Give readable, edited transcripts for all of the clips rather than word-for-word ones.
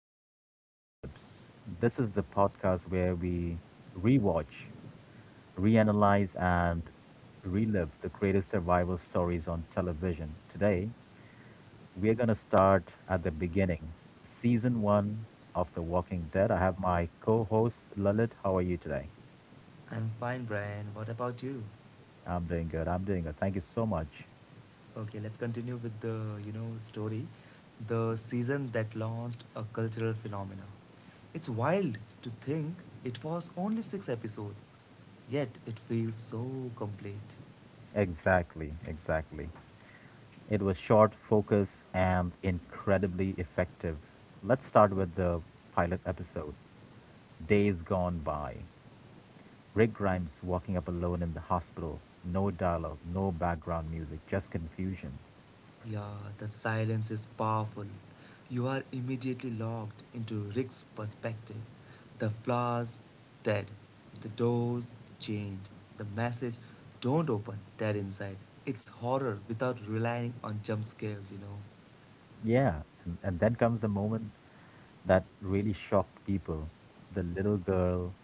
After the Apocalypse. This is the podcast where we rewatch, reanalyze, and relive the greatest survival stories on television. Today, we're going to start at the beginning, season one of The Walking Dead. I have my co host, Lalit. How are you today? I'm fine, Brian. What about you? I'm doing good. I'm doing good. Thank you so much. Okay, let's continue with the, story. The season that launched a cultural phenomenon. It's wild to think it was only six episodes, yet it feels so complete. Exactly. Exactly. It was short, focused, and incredibly effective. Let's start with the pilot episode Days Gone By. Rick Grimes walking up alone in the hospital. No dialogue, no background music, just confusion. Yeah, the silence is powerful. You are immediately locked into Rick's perspective. The flowers dead, the doors chained, the message don't open dead inside. It's horror without relying on jump scares. Yeah, and then comes the moment that really shocked people. The little girl,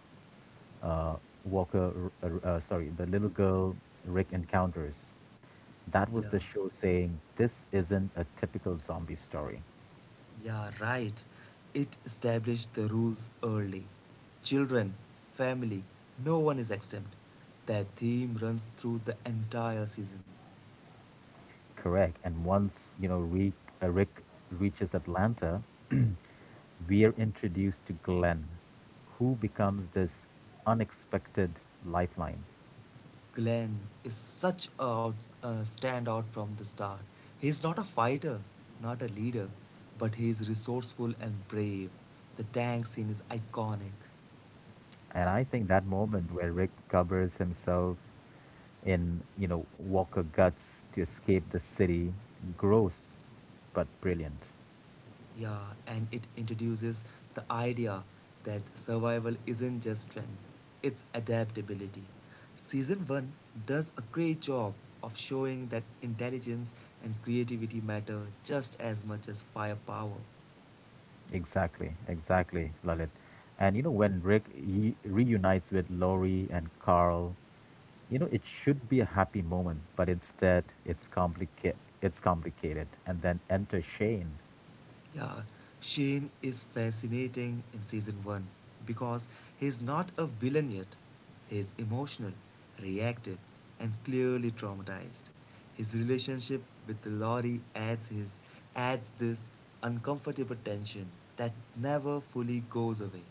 uh, Walker, sorry, the little girl Rick encounters. That Yeah, was the show saying, "This isn't a typical zombie story." yeah, right. It established the rules early. Children, family, no one is exempt. That theme runs through the entire season. Correct. And once, Rick reaches Atlanta, we are introduced to Glenn, who becomes this unexpected lifeline. Glenn is such a standout from the start. He's not a fighter, not a leader, but he's resourceful and brave. The tank scene is iconic. And I think that moment where Rick covers himself in Walker guts to escape the city, gross but brilliant. Yeah, and it introduces the idea that survival isn't just strength, it's adaptability. Season 1 does a great job of showing that intelligence and creativity matter just as much as firepower. Exactly, exactly, Lalit. And you know, when Rick he reunites with Lori and Carl, it should be a happy moment, but instead it's complicated, it's complicated. And then enter Shane. Yeah, Shane is fascinating in season 1 because he's not a villain yet. He's emotional, reactive, and clearly traumatized. His relationship with Laurie adds this uncomfortable tension that never fully goes away.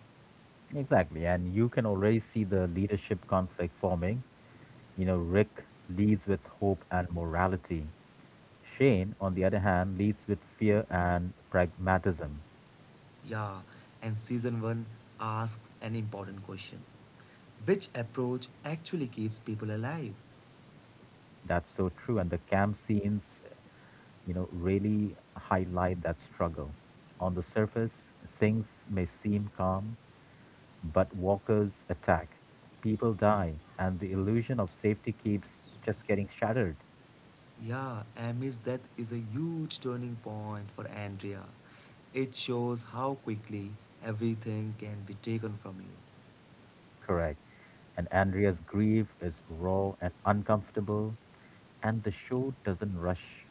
Exactly. And you can already see the leadership conflict forming. Rick leads with hope and morality. Shane, on the other hand, leads with fear and pragmatism. Yeah, and season 1 asks an important question. Which approach actually keeps people alive? That's so true. And the camp scenes really highlight that struggle. On the surface, things may seem calm, but walkers attack, people die, and the illusion of safety keeps just getting shattered. Yeah, Amy's death is a huge turning point for Andrea. It shows how quickly everything can be taken from you. Correct. And Andrea's grief is raw and uncomfortable, and the show doesn't rush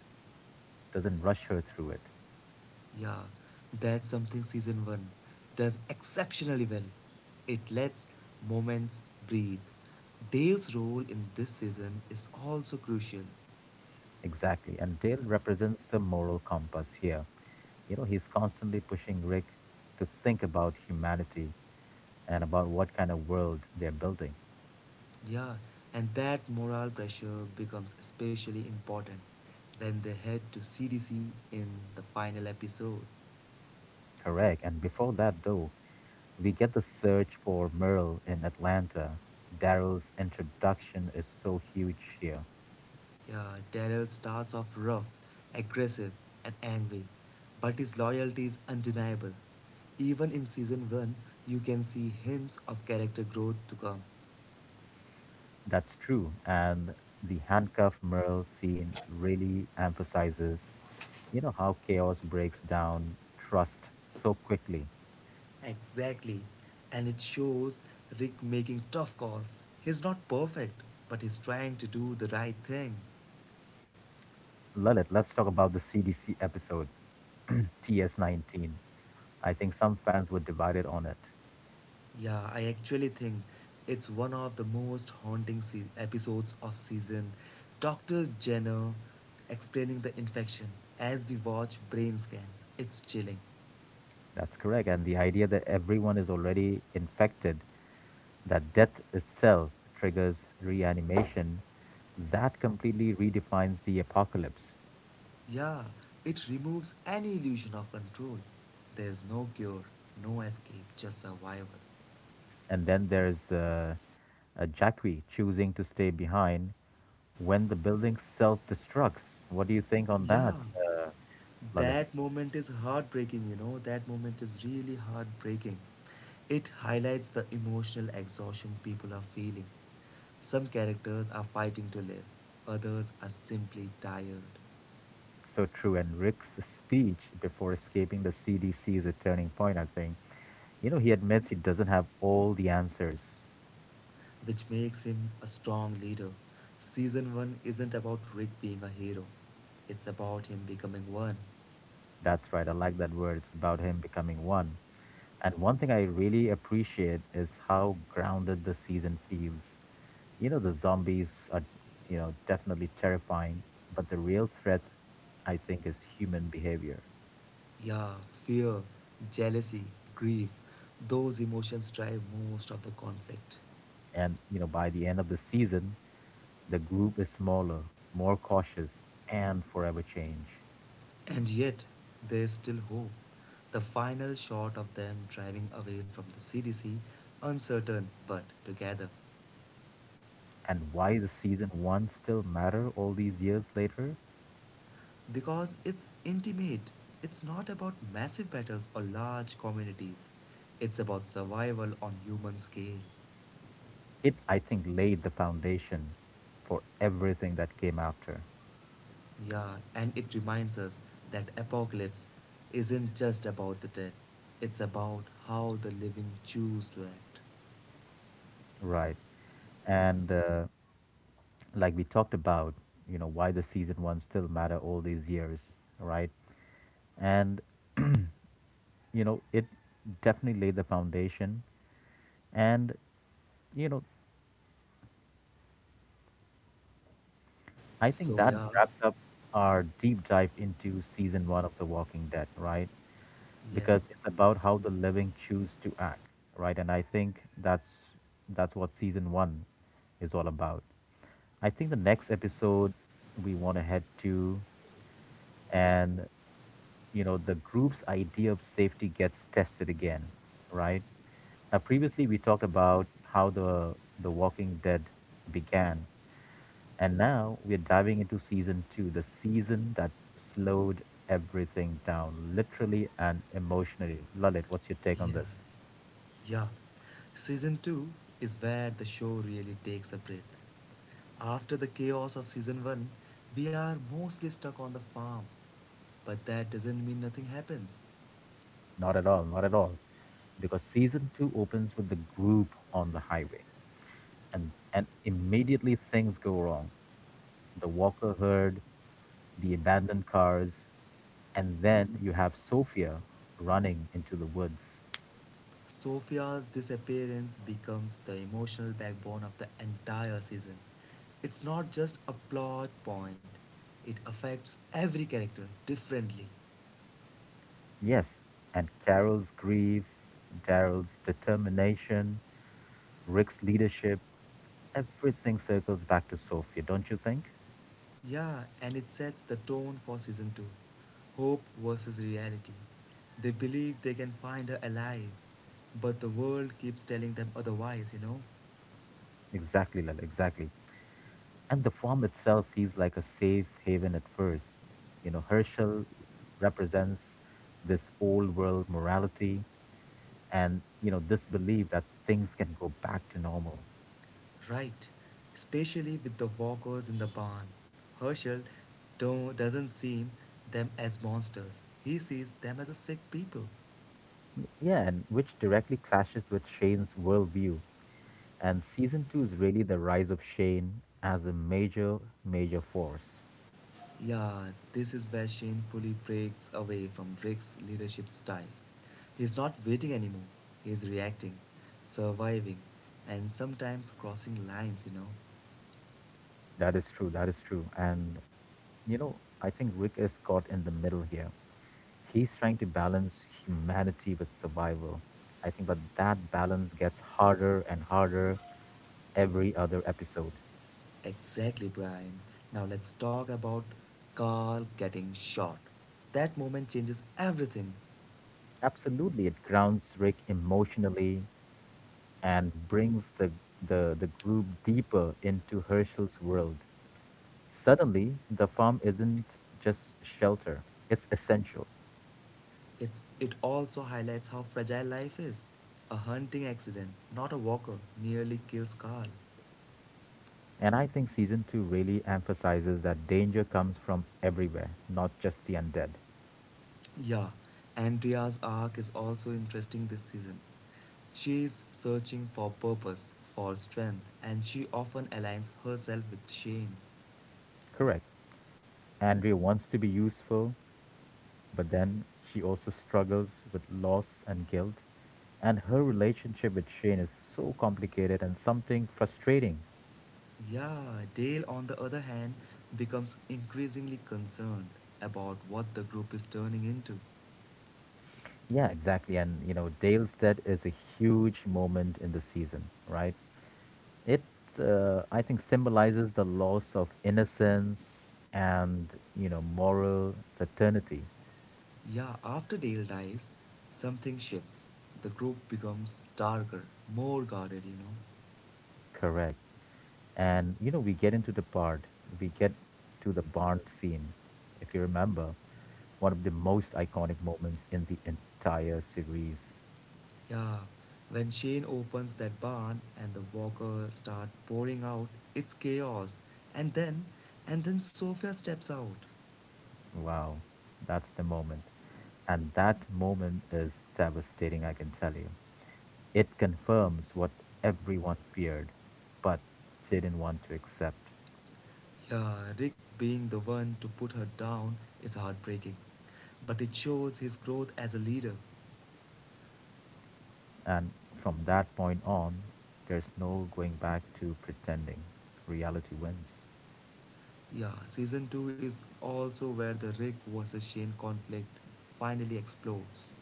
doesn't rush her through it. Yeah, that's something season 1 does exceptionally well. It lets moments breathe. Dale's role in this season is also crucial. Exactly. And Dale represents the moral compass here. He's constantly pushing Rick to think about humanity and about what kind of world they're building. Yeah, and that moral pressure becomes especially important when they head to CDC in the final episode. Correct. And before that, though, we get the search for Merle in Atlanta. Daryl's introduction is so huge here. Yeah, Daryl starts off rough, aggressive, and angry, but his loyalty is undeniable. Even in season 1, you can see hints of character growth to come. That's true. And the handcuff Merle scene really emphasizes, how chaos breaks down trust so quickly. Exactly, and it shows Rick making tough calls. He's not perfect, but he's trying to do the right thing. Lalit, let's talk about the CDC episode, TS19. I think some fans were divided on it. Yeah, I actually think it's one of the most haunting episodes of season. Dr. Jenner explaining the infection as we watch brain scans. It's chilling. That's correct. And the idea that everyone is already infected, that death itself triggers reanimation, that completely redefines the apocalypse. Yeah, it removes any illusion of control. There's no cure, no escape, just survival. And then there's Jackie choosing to stay behind when the building self destructs. What do you think on that, Yeah, Lalit? That moment is heartbreaking. That moment is really heartbreaking. It highlights the emotional exhaustion people are feeling. Some characters are fighting to live, others are simply tired, So true. And Rick's speech before escaping the CDC is a turning point, I think. He admits he doesn't have all the answers. which makes him a strong leader. Season 1 isn't about Rick being a hero, it's about him becoming one. That's right. I like that word. It's about him becoming one. And one thing I really appreciate is how grounded the season feels. The zombies are, definitely terrifying, but the real threat, I think, is human behavior. Yeah, fear, jealousy, grief, those emotions drive most of the conflict. And by the end of the season, the group is smaller, more cautious, and forever change. And yet, there's still hope. The final shot of them driving away from the CDC, uncertain but together. And why the season one still matter all these years later, Because it's intimate, it's not about massive battles or large communities, it's about survival on human scale. it, I think, laid the foundation for everything that came after, Yeah, and it reminds us that apocalypse isn't just about the dead, it's about how the living choose to act. right? And like we talked about, why the season one still matter all these years, right? And it definitely laid the foundation. And you know, I think So, that yeah, wraps up our deep dive into season one of The Walking Dead, right? Because yes. it's about how the living choose to act, right? And I think that's what season one is all about. I think the next episode we want to head to, and the group's idea of safety gets tested again, right? Now, previously we talked about how the Walking Dead began, and now we're diving into season two, the season that slowed everything down, literally and emotionally. Lalit, what's your take on Yeah, this? yeah. Season 2 is where the show really takes a breath. After the chaos of season 1, we are mostly stuck on the farm. But that doesn't mean nothing happens. Not at all, not at all. Because season two opens with the group on the highway, and immediately things go wrong. The Walker herd, the abandoned cars, and then you have Sophia running into the woods. Sophia's disappearance becomes the emotional backbone of the entire season. It's not just a plot point, it affects every character differently. Yes, and Carol's grief, Daryl's determination, Rick's leadership. Everything circles back to Sofia, don't you think? Yeah, and it sets the tone for season 2 hope versus reality. They believe they can find her alive, but the world keeps telling them otherwise, you know? Exactly, Lal, exactly. And the farm itself feels like a safe haven at first. Herschel represents this old world morality and, this belief that things can go back to normal. Right, especially with the walkers in the barn. Herschel do- not doesn't see them as monsters, he sees them as a sick people. Yeah, and which directly clashes with Shane's worldview. And season two is really the rise of Shane as a major, major force. Yeah, this is where Shane fully breaks away from Drake's leadership style. He's not waiting anymore, he's reacting, surviving, and sometimes crossing lines, you know. That is true. That is true. And, I think Rick is caught in the middle here. He's trying to balance humanity with survival. I think, but that balance gets harder and harder every other episode. Exactly, Brian. Now let's talk about Carl getting shot. That moment changes everything. Absolutely, it grounds Rick emotionally and brings the group deeper into Herschel's world. Suddenly, the farm isn't just shelter, it's essential. It also highlights how fragile life is. A hunting accident, not a walker, nearly kills Carl. And I think season two really emphasizes that danger comes from everywhere, not just the undead. Yeah, Andrea's arc is also interesting this season. She is searching for purpose, for strength, and she often aligns herself with Shane. Correct. Andrea wants to be useful, but then she also struggles with loss and guilt, and her relationship with Shane is so complicated and something frustrating. Yeah, Dale, on the other hand, becomes increasingly concerned about what the group is turning into. Yeah, exactly. And Dale's death is a huge moment in the season, right? It, I think, symbolizes the loss of innocence and moral certainty. Yeah, after Dale dies, something shifts. The group becomes darker, more guarded, you know. Correct. And we get to the barn scene. If you remember, one of the most iconic moments in the entire series. Yeah, when Shane opens that barn and the walkers start pouring out, it's chaos. And then, and then Sophia steps out. Wow, that's the moment. And that moment is devastating, I can tell you. It confirms what everyone feared, but didn't want to accept. Yeah, Rick being the one to put her down is heartbreaking, but it shows his growth as a leader. And from that point on, there's no going back to pretending. Reality wins. Yeah, season 2 is also where the Rick versus Shane conflict finally explodes.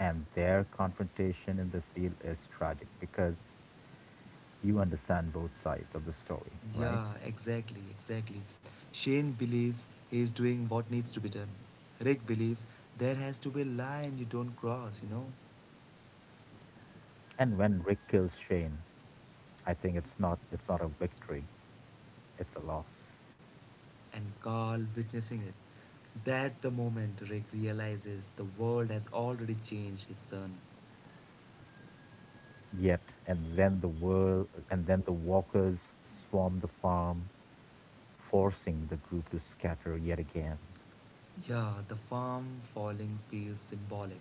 And their confrontation in the field is tragic because you understand both sides of the story, right? Yeah, exactly, exactly. Shane believes he is doing what needs to be done. Rick believes there has to be a line you don't cross, you know? And when Rick kills Shane, I think it's not a victory, it's a loss. And Carl witnessing it. That's the moment Rick realizes the world has already changed his son. Yet, and then the walkers swarm the farm, forcing the group to scatter yet again. Yeah, the farm falling feels symbolic.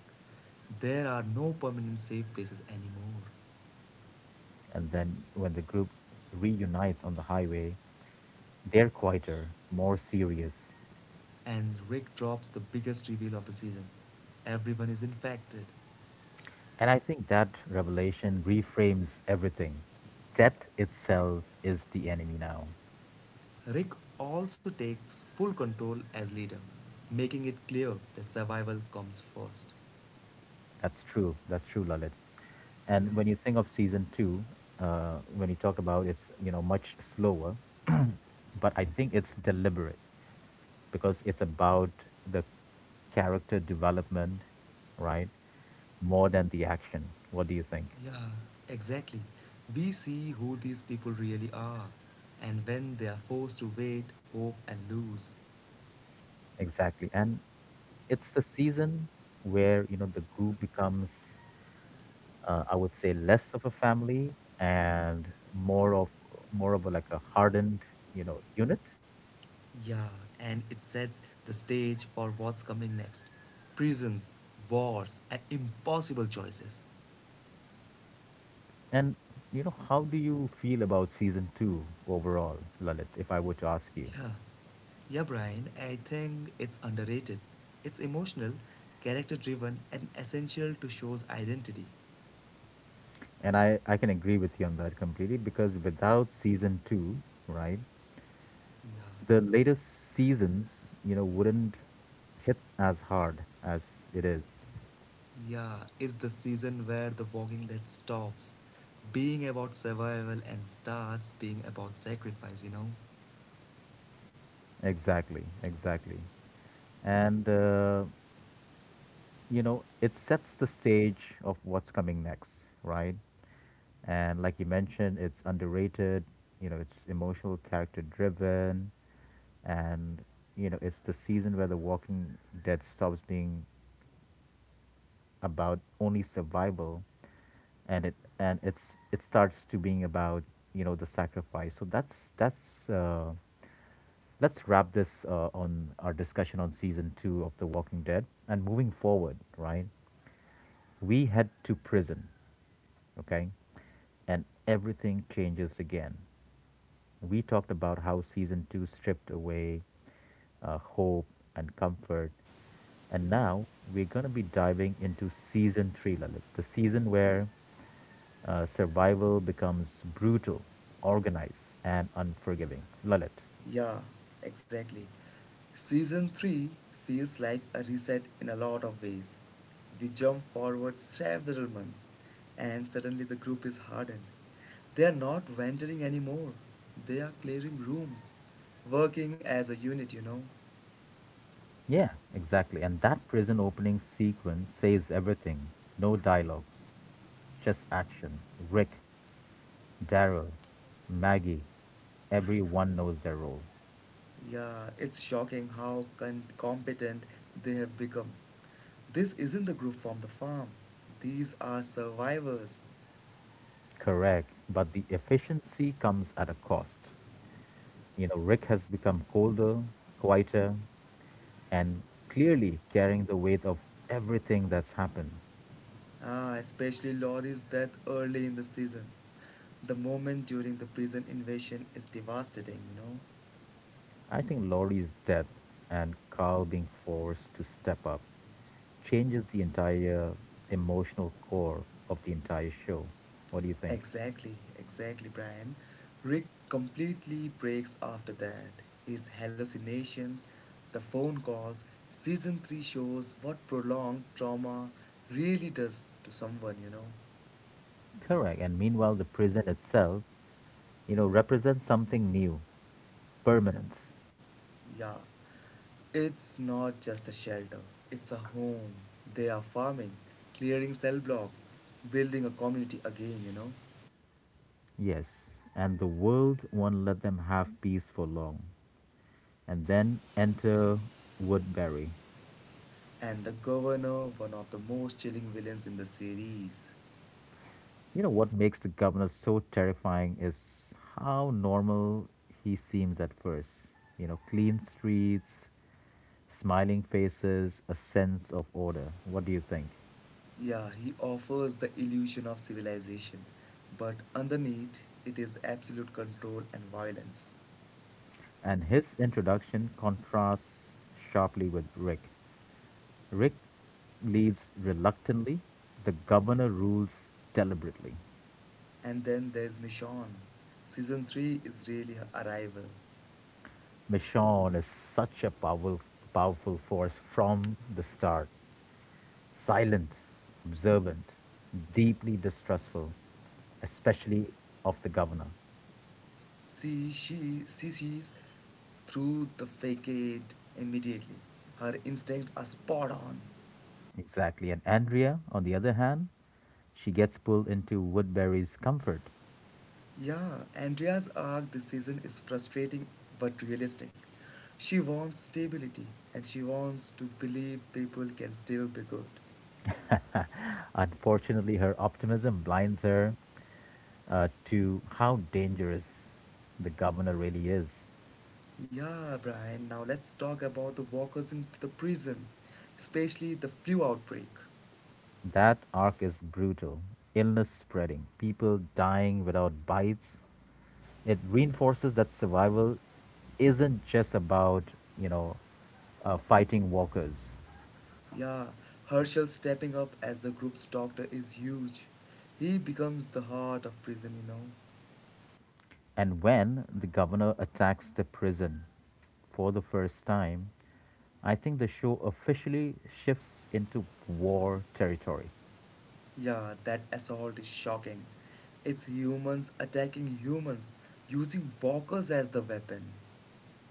There are no permanent safe places anymore. And then, when the group reunites on the highway, they're quieter, more serious. And Rick drops the biggest reveal of the season. Everyone is infected. And I think that revelation reframes everything. Death itself is the enemy now. Rick also takes full control as leader, making it clear that survival comes first. That's true. That's true, Lalit. Yeah, And when you think of season two, when you talked about it's much slower, but I think it's deliberate because it's about the character development, right? More than the action. What do you think? yeah, exactly. We see who these people really are and when they are forced to wait, hope, and lose. Exactly. And it's the season where the group becomes, I would say, less of a family and more of a, like a hardened, unit. Yeah, and it sets the stage for what's coming next prisons, wars, and impossible choices. And how do you feel about season two overall, Lalit? If I were to ask you, Yeah. Yeah, Brian, I think it's underrated. It's emotional, character driven, and essential to show's identity. and I can agree with you on that completely because without season two, right, Yeah. the latest seasons, wouldn't hit as hard as it is. Yeah, it's the season where The Walking Dead stops being about survival and starts being about sacrifice, you know? Exactly, exactly. And it sets the stage of what's coming next, right? And like you mentioned, it's underrated, it's emotional, character driven, and, it's the season where The Walking Dead stops being about only survival and it and it starts to being about the sacrifice. So that's let's wrap this on our discussion on season two of The Walking Dead, and moving forward, right? We head to prison, okay? And everything changes again. We talked about how season two stripped away hope and comfort. And now we're going to be diving into season three, Lalit, the season where survival becomes brutal, organized, and unforgiving. Lalit. Yeah, exactly. Season 3 feels like a reset in a lot of ways. We jump forward several months, and suddenly the group is hardened. They are not venturing anymore, they are clearing rooms, working as a unit, you know. Yeah, exactly. And that prison opening sequence says everything. No dialogue, just action. Rick, Daryl, Maggie, everyone knows their role. Yeah, it's shocking how competent they have become. This isn't the group from the farm, these are survivors. Correct, but the efficiency comes at a cost. Rick has become colder, quieter, and clearly carrying the weight of everything that's happened. Ah, especially lorries that early in the season. The moment during the prison invasion is devastating, you know. I think Laurie's death and Carl being forced to step up changes the entire emotional core of the entire show. What do you think? Exactly, exactly, Brian. Rick completely breaks after that. His hallucinations, the phone calls, season 3 shows what prolonged trauma really does to someone, you know. Correct. And meanwhile, the prison itself represents something new, permanence. Yeah. It's not just a shelter, it's a home. They are farming, clearing cell blocks, building a community again, you know. Yes, and the world won't let them have peace for long. And then enter Woodbury. And the governor, one of the most chilling villains in the series. You know what makes the governor so terrifying is how normal he seems at first. Clean streets, smiling faces, a sense of order. What do you think? Yeah, he offers the illusion of civilization, but underneath it is absolute control and violence. And his introduction contrasts sharply with Rick. Rick leads reluctantly. The governor rules deliberately. And then there's Michonne. Season 3 is really her arrival. Michonne is such a powerful, powerful force from the start. Silent, observant, deeply distrustful, especially of the governor. She sees through the facade immediately. Her instincts are spot on. Exactly. And Andrea, on the other hand, she gets pulled into Woodbury's comfort. Yeah, Andrea's arc this season is frustrating but realistic. She wants stability and she wants to believe people can still be good. Unfortunately, her optimism blinds her, to how dangerous the governor really is. Yeah, Brian, now let's talk about the walkers in the prison, especially the flu outbreak. That arc is brutal. Illness spreading, people dying without bites. It reinforces that survival isn't just about, you know, fighting walkers. Yeah, Herschel stepping up as the group's doctor is huge. He becomes the heart of prison, you know. And when the governor attacks the prison for the first time, I think the show officially shifts into war territory. Yeah, that assault is shocking. It's humans attacking humans, using walkers as the weapon.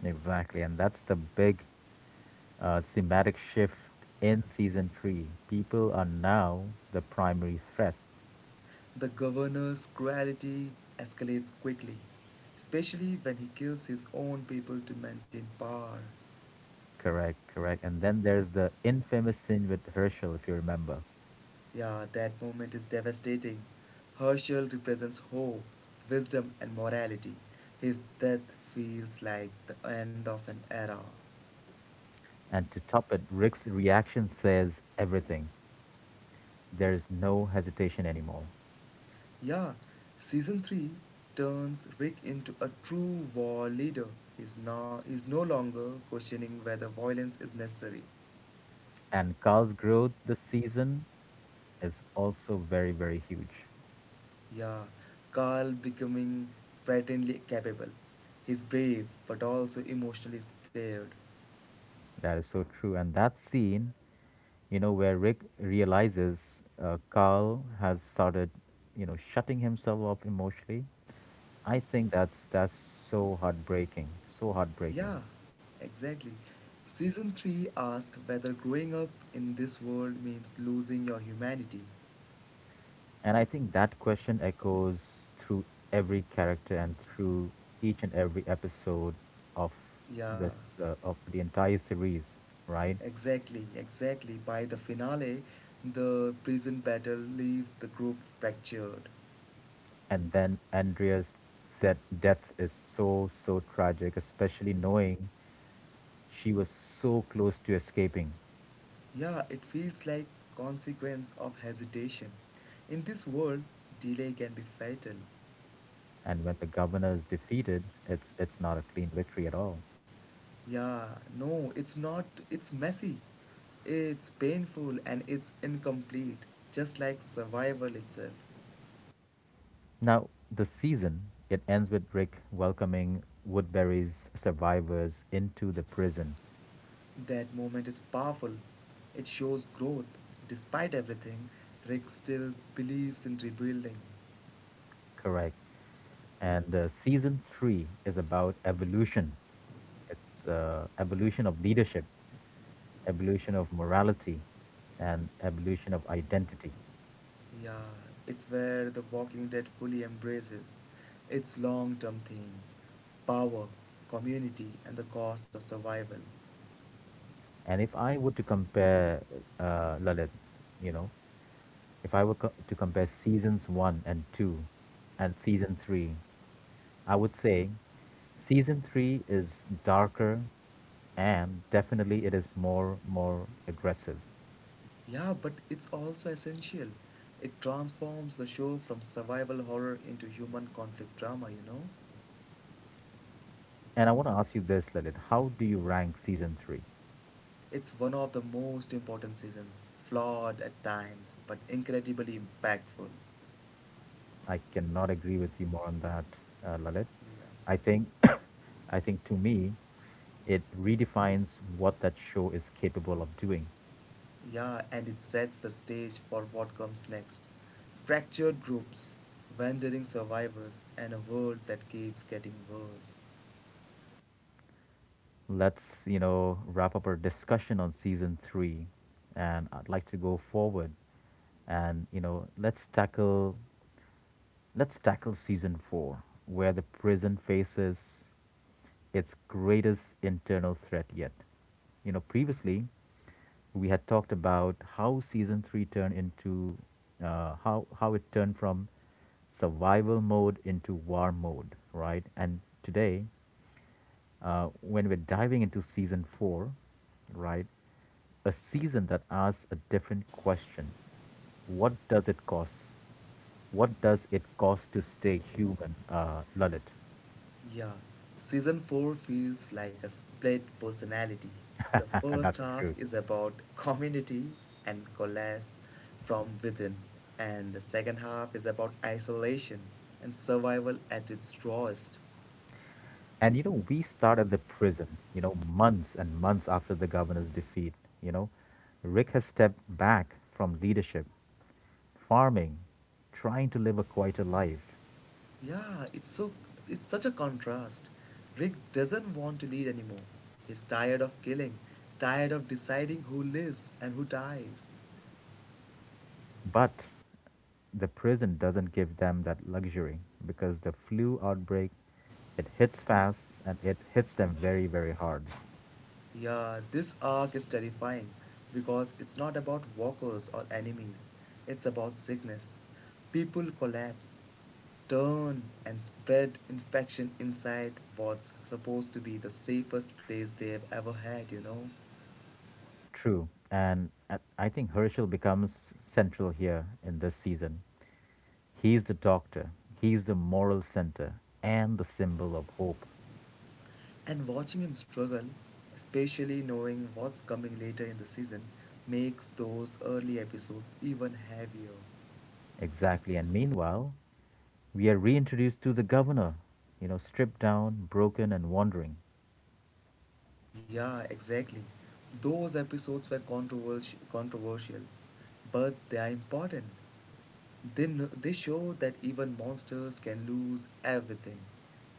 Exactly, and that's the big, thematic shift in season three. People are now the primary threat. The governor's cruelty escalates quickly, especially when he kills his own people to maintain power. Correct, correct. And then there's the infamous scene with Herschel, if you remember. Yeah, that moment is devastating. Herschel represents hope, wisdom, and morality. His death feels like the end of an era. And to top it, Rick's reaction says everything. There's no hesitation anymore. Yeah, season 3 turns Rick into a true war leader. He's no longer questioning whether violence is necessary. And Carl's growth this season is also very, very huge. Yeah, Carl becoming frighteningly capable. He's brave but also emotionally scared. That is so true. And that scene, where Rick realizes Carl has started, shutting himself off emotionally, I think that's so heartbreaking, so heartbreaking. Yeah, exactly. Season 3 asks whether growing up in this world means losing your humanity. And I think that question echoes through every character and through each and every episode of Yeah. this of the entire series, right? Exactly, exactly. By the finale, the prison battle leaves the group fractured. And then Andrea's that death is so so tragic, especially knowing she was so close to escaping. Yeah, it feels like consequence of hesitation. In this world, delay can be fatal. And when the governor is defeated, it's not a clean victory at all. Yeah, no, it's not. It's messy. It's painful and it's incomplete, just like survival itself. Now, the season, it ends with Rick welcoming Woodbury's survivors into the prison. That moment is powerful. It shows growth. Despite everything, Rick still believes in rebuilding. Correct. And season three is about evolution. It's evolution of leadership, evolution of morality, and evolution of identity. Yeah, it's where The Walking Dead fully embraces its long term themes power, community, and the cost of survival. And if I were to compare, Lalit, you know, if I were to compare seasons one and two and season three, I would say season three is darker and definitely it is more aggressive. Yeah, but it's also essential. It transforms the show from survival horror into human conflict drama, you know? And I want to ask you this, Lalit. How do you rank season three? It's one of the most important seasons, flawed at times, but incredibly impactful. I cannot agree with you more on that, Lalit. Yeah. I think, I think to me, it redefines what that show is capable of doing. Yeah, and it sets the stage for what comes next fractured groups, wandering survivors, and a world that keeps getting worse. Let's wrap up our discussion on season three, and I'd like to go forward, and let's tackle Let's tackle season four, where the prison faces its greatest internal threat yet. You know, previously we had talked about how season three turned into how it turned from survival mode into war mode, right? And today when we're diving into season four, right? A season that asks a different question. What does it cost? What does it cost to stay human, Lalit? Yeah, season 4 feels like a split personality. The first That's half true. is about community and collapse from within, and the second half is about isolation and survival at its rawest. And you know, we start at the prison, you know, months and months after the governor's defeat. You know, Rick has stepped back from leadership, farming, trying to live a quieter life. Yeah, it's such a contrast. Rick doesn't want to lead anymore. He's tired of killing, tired of deciding who lives and who dies. But the prison doesn't give them that luxury because the flu outbreak, it hits fast and it hits them very, very hard. Yeah, this arc is terrifying because it's not about walkers or enemies. It's about sickness. People collapse, turn and spread infection inside what's supposed to be the safest place they've ever had, you know. True. And at, I think Herschel becomes central here in this season. He's the doctor, he's the moral center, and the symbol of hope. And watching him struggle, especially knowing what's coming later in the season, makes those early episodes even heavier. Exactly. And meanwhile, we are reintroduced to the governor, you know, stripped down, broken, and wandering. Yeah, exactly. Those episodes were controversial, but they are important. They show that even monsters can lose everything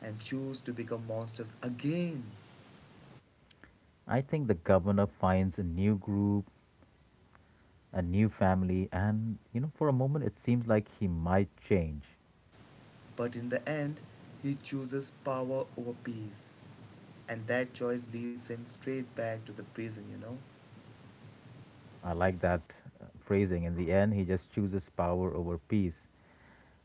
and choose to become monsters again. I think the governor finds a new group, a new family, and you know, for a moment, it seems like he might change. But in the end, he chooses power over peace. And that choice leads him straight back to the prison, you know? I like that phrasing. In the end, he just chooses power over peace.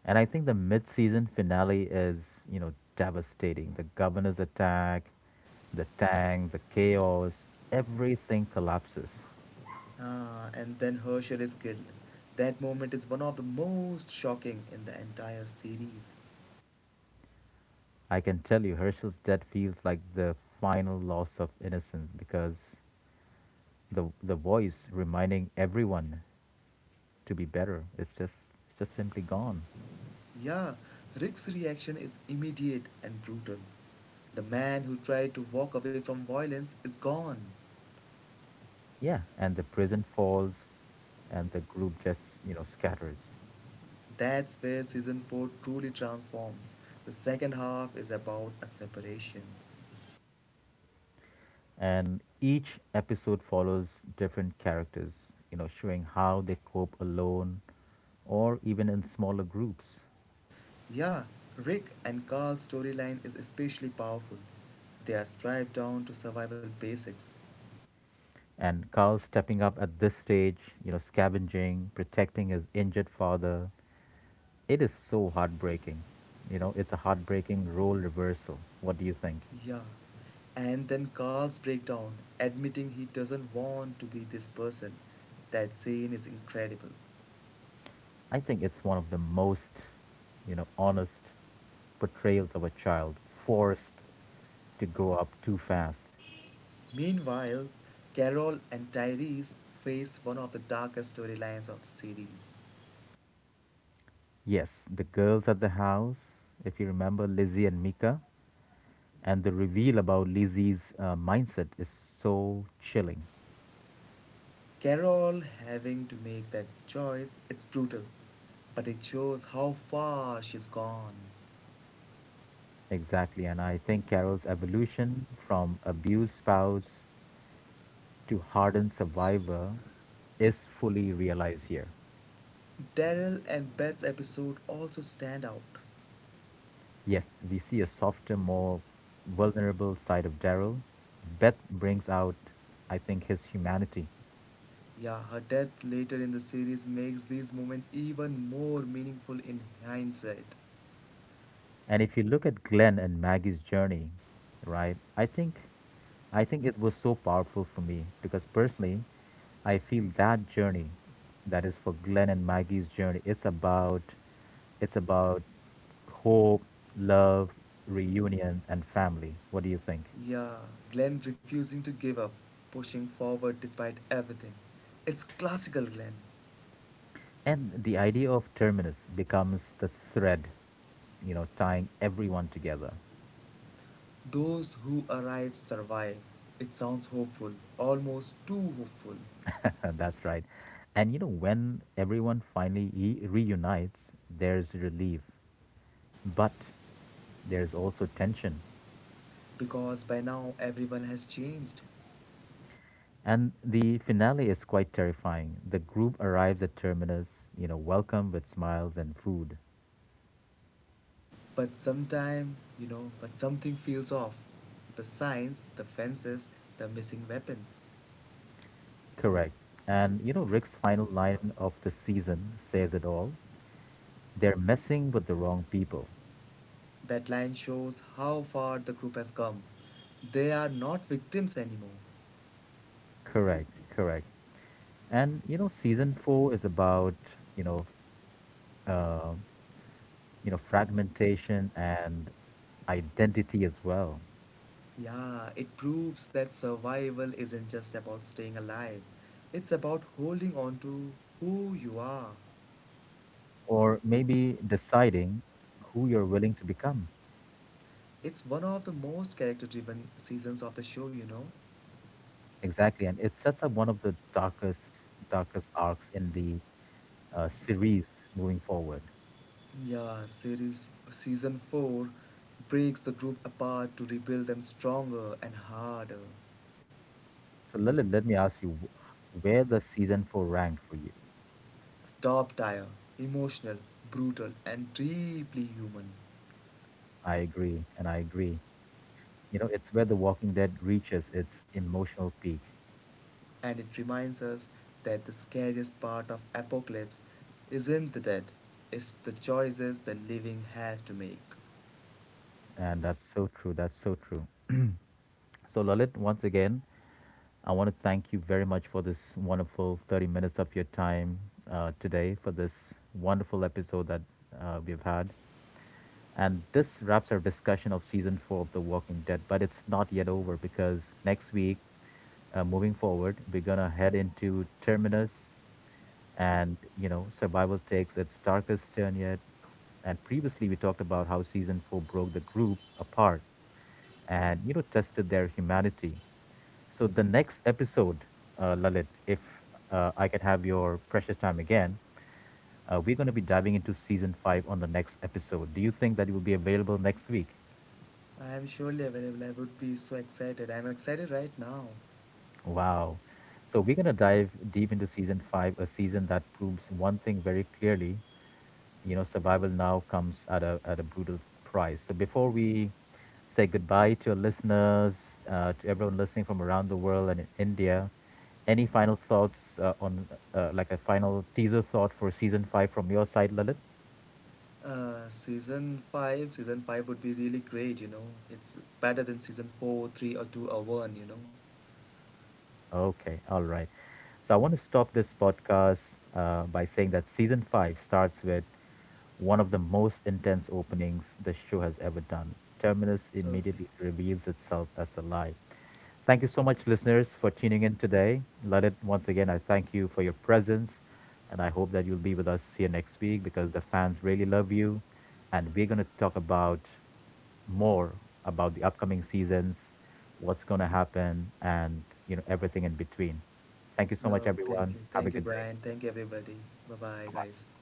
And I think the mid-season finale is, you know, devastating. The governor's attack, the tank, the chaos, everything collapses. Ah, and then Hersher is killed. That moment is one of the most shocking in the entire series. I can tell you, Herschel's death feels like the final loss of innocence because the voice reminding everyone to be better is just it's just simply gone. Yeah, Rick's reaction is immediate and brutal. The man who tried to walk away from violence is gone. Yeah, and the prison falls, and the group just, you know, scatters. That's where season 4 truly transforms. The second half is about a separation. And each episode follows different characters, you know, showing how they cope alone or even in smaller groups. Yeah, Rick and Carl's storyline is especially powerful. They are stripped down to survival basics. And Carl stepping up at this stage, you know, scavenging, protecting his injured father, it is so heartbreaking. You know, it's a heartbreaking role reversal. What do you think? Yeah. And then Carl's breakdown, admitting he doesn't want to be this person. That scene is incredible. I think it's one of the most, you know, honest portrayals of a child forced to grow up too fast. Meanwhile, Carol and Tyrese face one of the darkest storylines of the series. Yes, the girls at the house, if you remember Lizzie and Mika, and the reveal about Lizzie's mindset is so chilling. Carol having to make that choice, it's brutal, but it shows how far she's gone. Exactly. And I think Carol's evolution from abused spouse to hardened survivor is fully realized here. Daryl and Beth's episode also stand out. Yes, we see a softer, more vulnerable side of Daryl. Beth brings out, I think, his humanity. Yeah, her death later in the series makes these moments even more meaningful in hindsight. And if you look at Glenn and Maggie's journey, right, I think it was so powerful for me because personally, I feel that journey, that is for Glenn and Maggie's journey, it's about hope, love, reunion and family. What do you think? Yeah, Glenn refusing to give up, pushing forward despite everything. It's classical Glenn. And the idea of terminus becomes the thread, you know, tying everyone together. Those who arrive survive. It sounds hopeful, almost too hopeful, That's right. And you know, when everyone finally reunites, there's relief, but there's also tension. because by now everyone has changed. And the finale is quite terrifying. The group arrives at terminus, you know, welcome with smiles and food. But sometime, you know, but something feels off. The signs, the fences, the missing weapons. Correct. And you know, Rick's final line of the season says it all. They're messing with the wrong people. That line shows how far the group has come. They are not victims anymore. Correct, correct. And you know, season four is about, you know, uh, fragmentation and identity as well, Yeah, it proves that survival isn't just about staying alive, it's about holding on to who you are. or maybe deciding who you're willing to become. It's one of the most character driven seasons of the show, you know. Exactly, and it sets up one of the darkest, darkest arcs in the series moving forward. Yeah, series season 4 breaks the group apart to rebuild them stronger and harder. So, Lilith, let me ask you, where does season four rank for you? Top tier, emotional, brutal, and deeply human. I agree, and I agree. You know, it's where The Walking Dead reaches its emotional peak. And it reminds us that the scariest part of apocalypse isn't the dead, it's the choices the living have to make. And that's so true, that's so true. So Lalit, once again, I want to thank you very much for this wonderful 30 minutes of your time, today, for this wonderful episode that we've had. And this wraps our discussion of season 4 of The Walking Dead, but it's not yet over, because next week, moving forward, we're going to head into terminus. And, you know, survival takes its darkest turn yet. And previously, we talked about how season four broke the group apart and, you know, tested their humanity. So, the next episode, Lalit, if I can have your precious time again, we're going to be diving into season five on the next episode. Do you think that it will be available next week? I am surely available. I would be so excited. I'm excited right now. Wow. So, we're going to dive deep into season five, a season that proves one thing very clearly. You know, survival now comes at a brutal price. So before we say goodbye to our listeners, to everyone listening from around the world and in India, any final thoughts on like a final teaser thought for season five from your side, Lalit? Season five would be really great. You know, it's better than season four, three, or two, or one. You know. Okay, all right. So I want to stop this podcast by saying that season five starts with one of the most intense openings the show has ever done. Terminus Okay. immediately reveals itself as a lie. Thank you so much, listeners, for tuning in today. Let it once again, I thank you for your presence, and I hope that you'll be with us here next week because the fans really love you. And we're going to talk about more about the upcoming seasons, what's going to happen, and you know everything in between. Thank you so much, No, everyone. Have a thank you, good day. Brian. Thank you, everybody. Bye, bye, Bye guys. bye.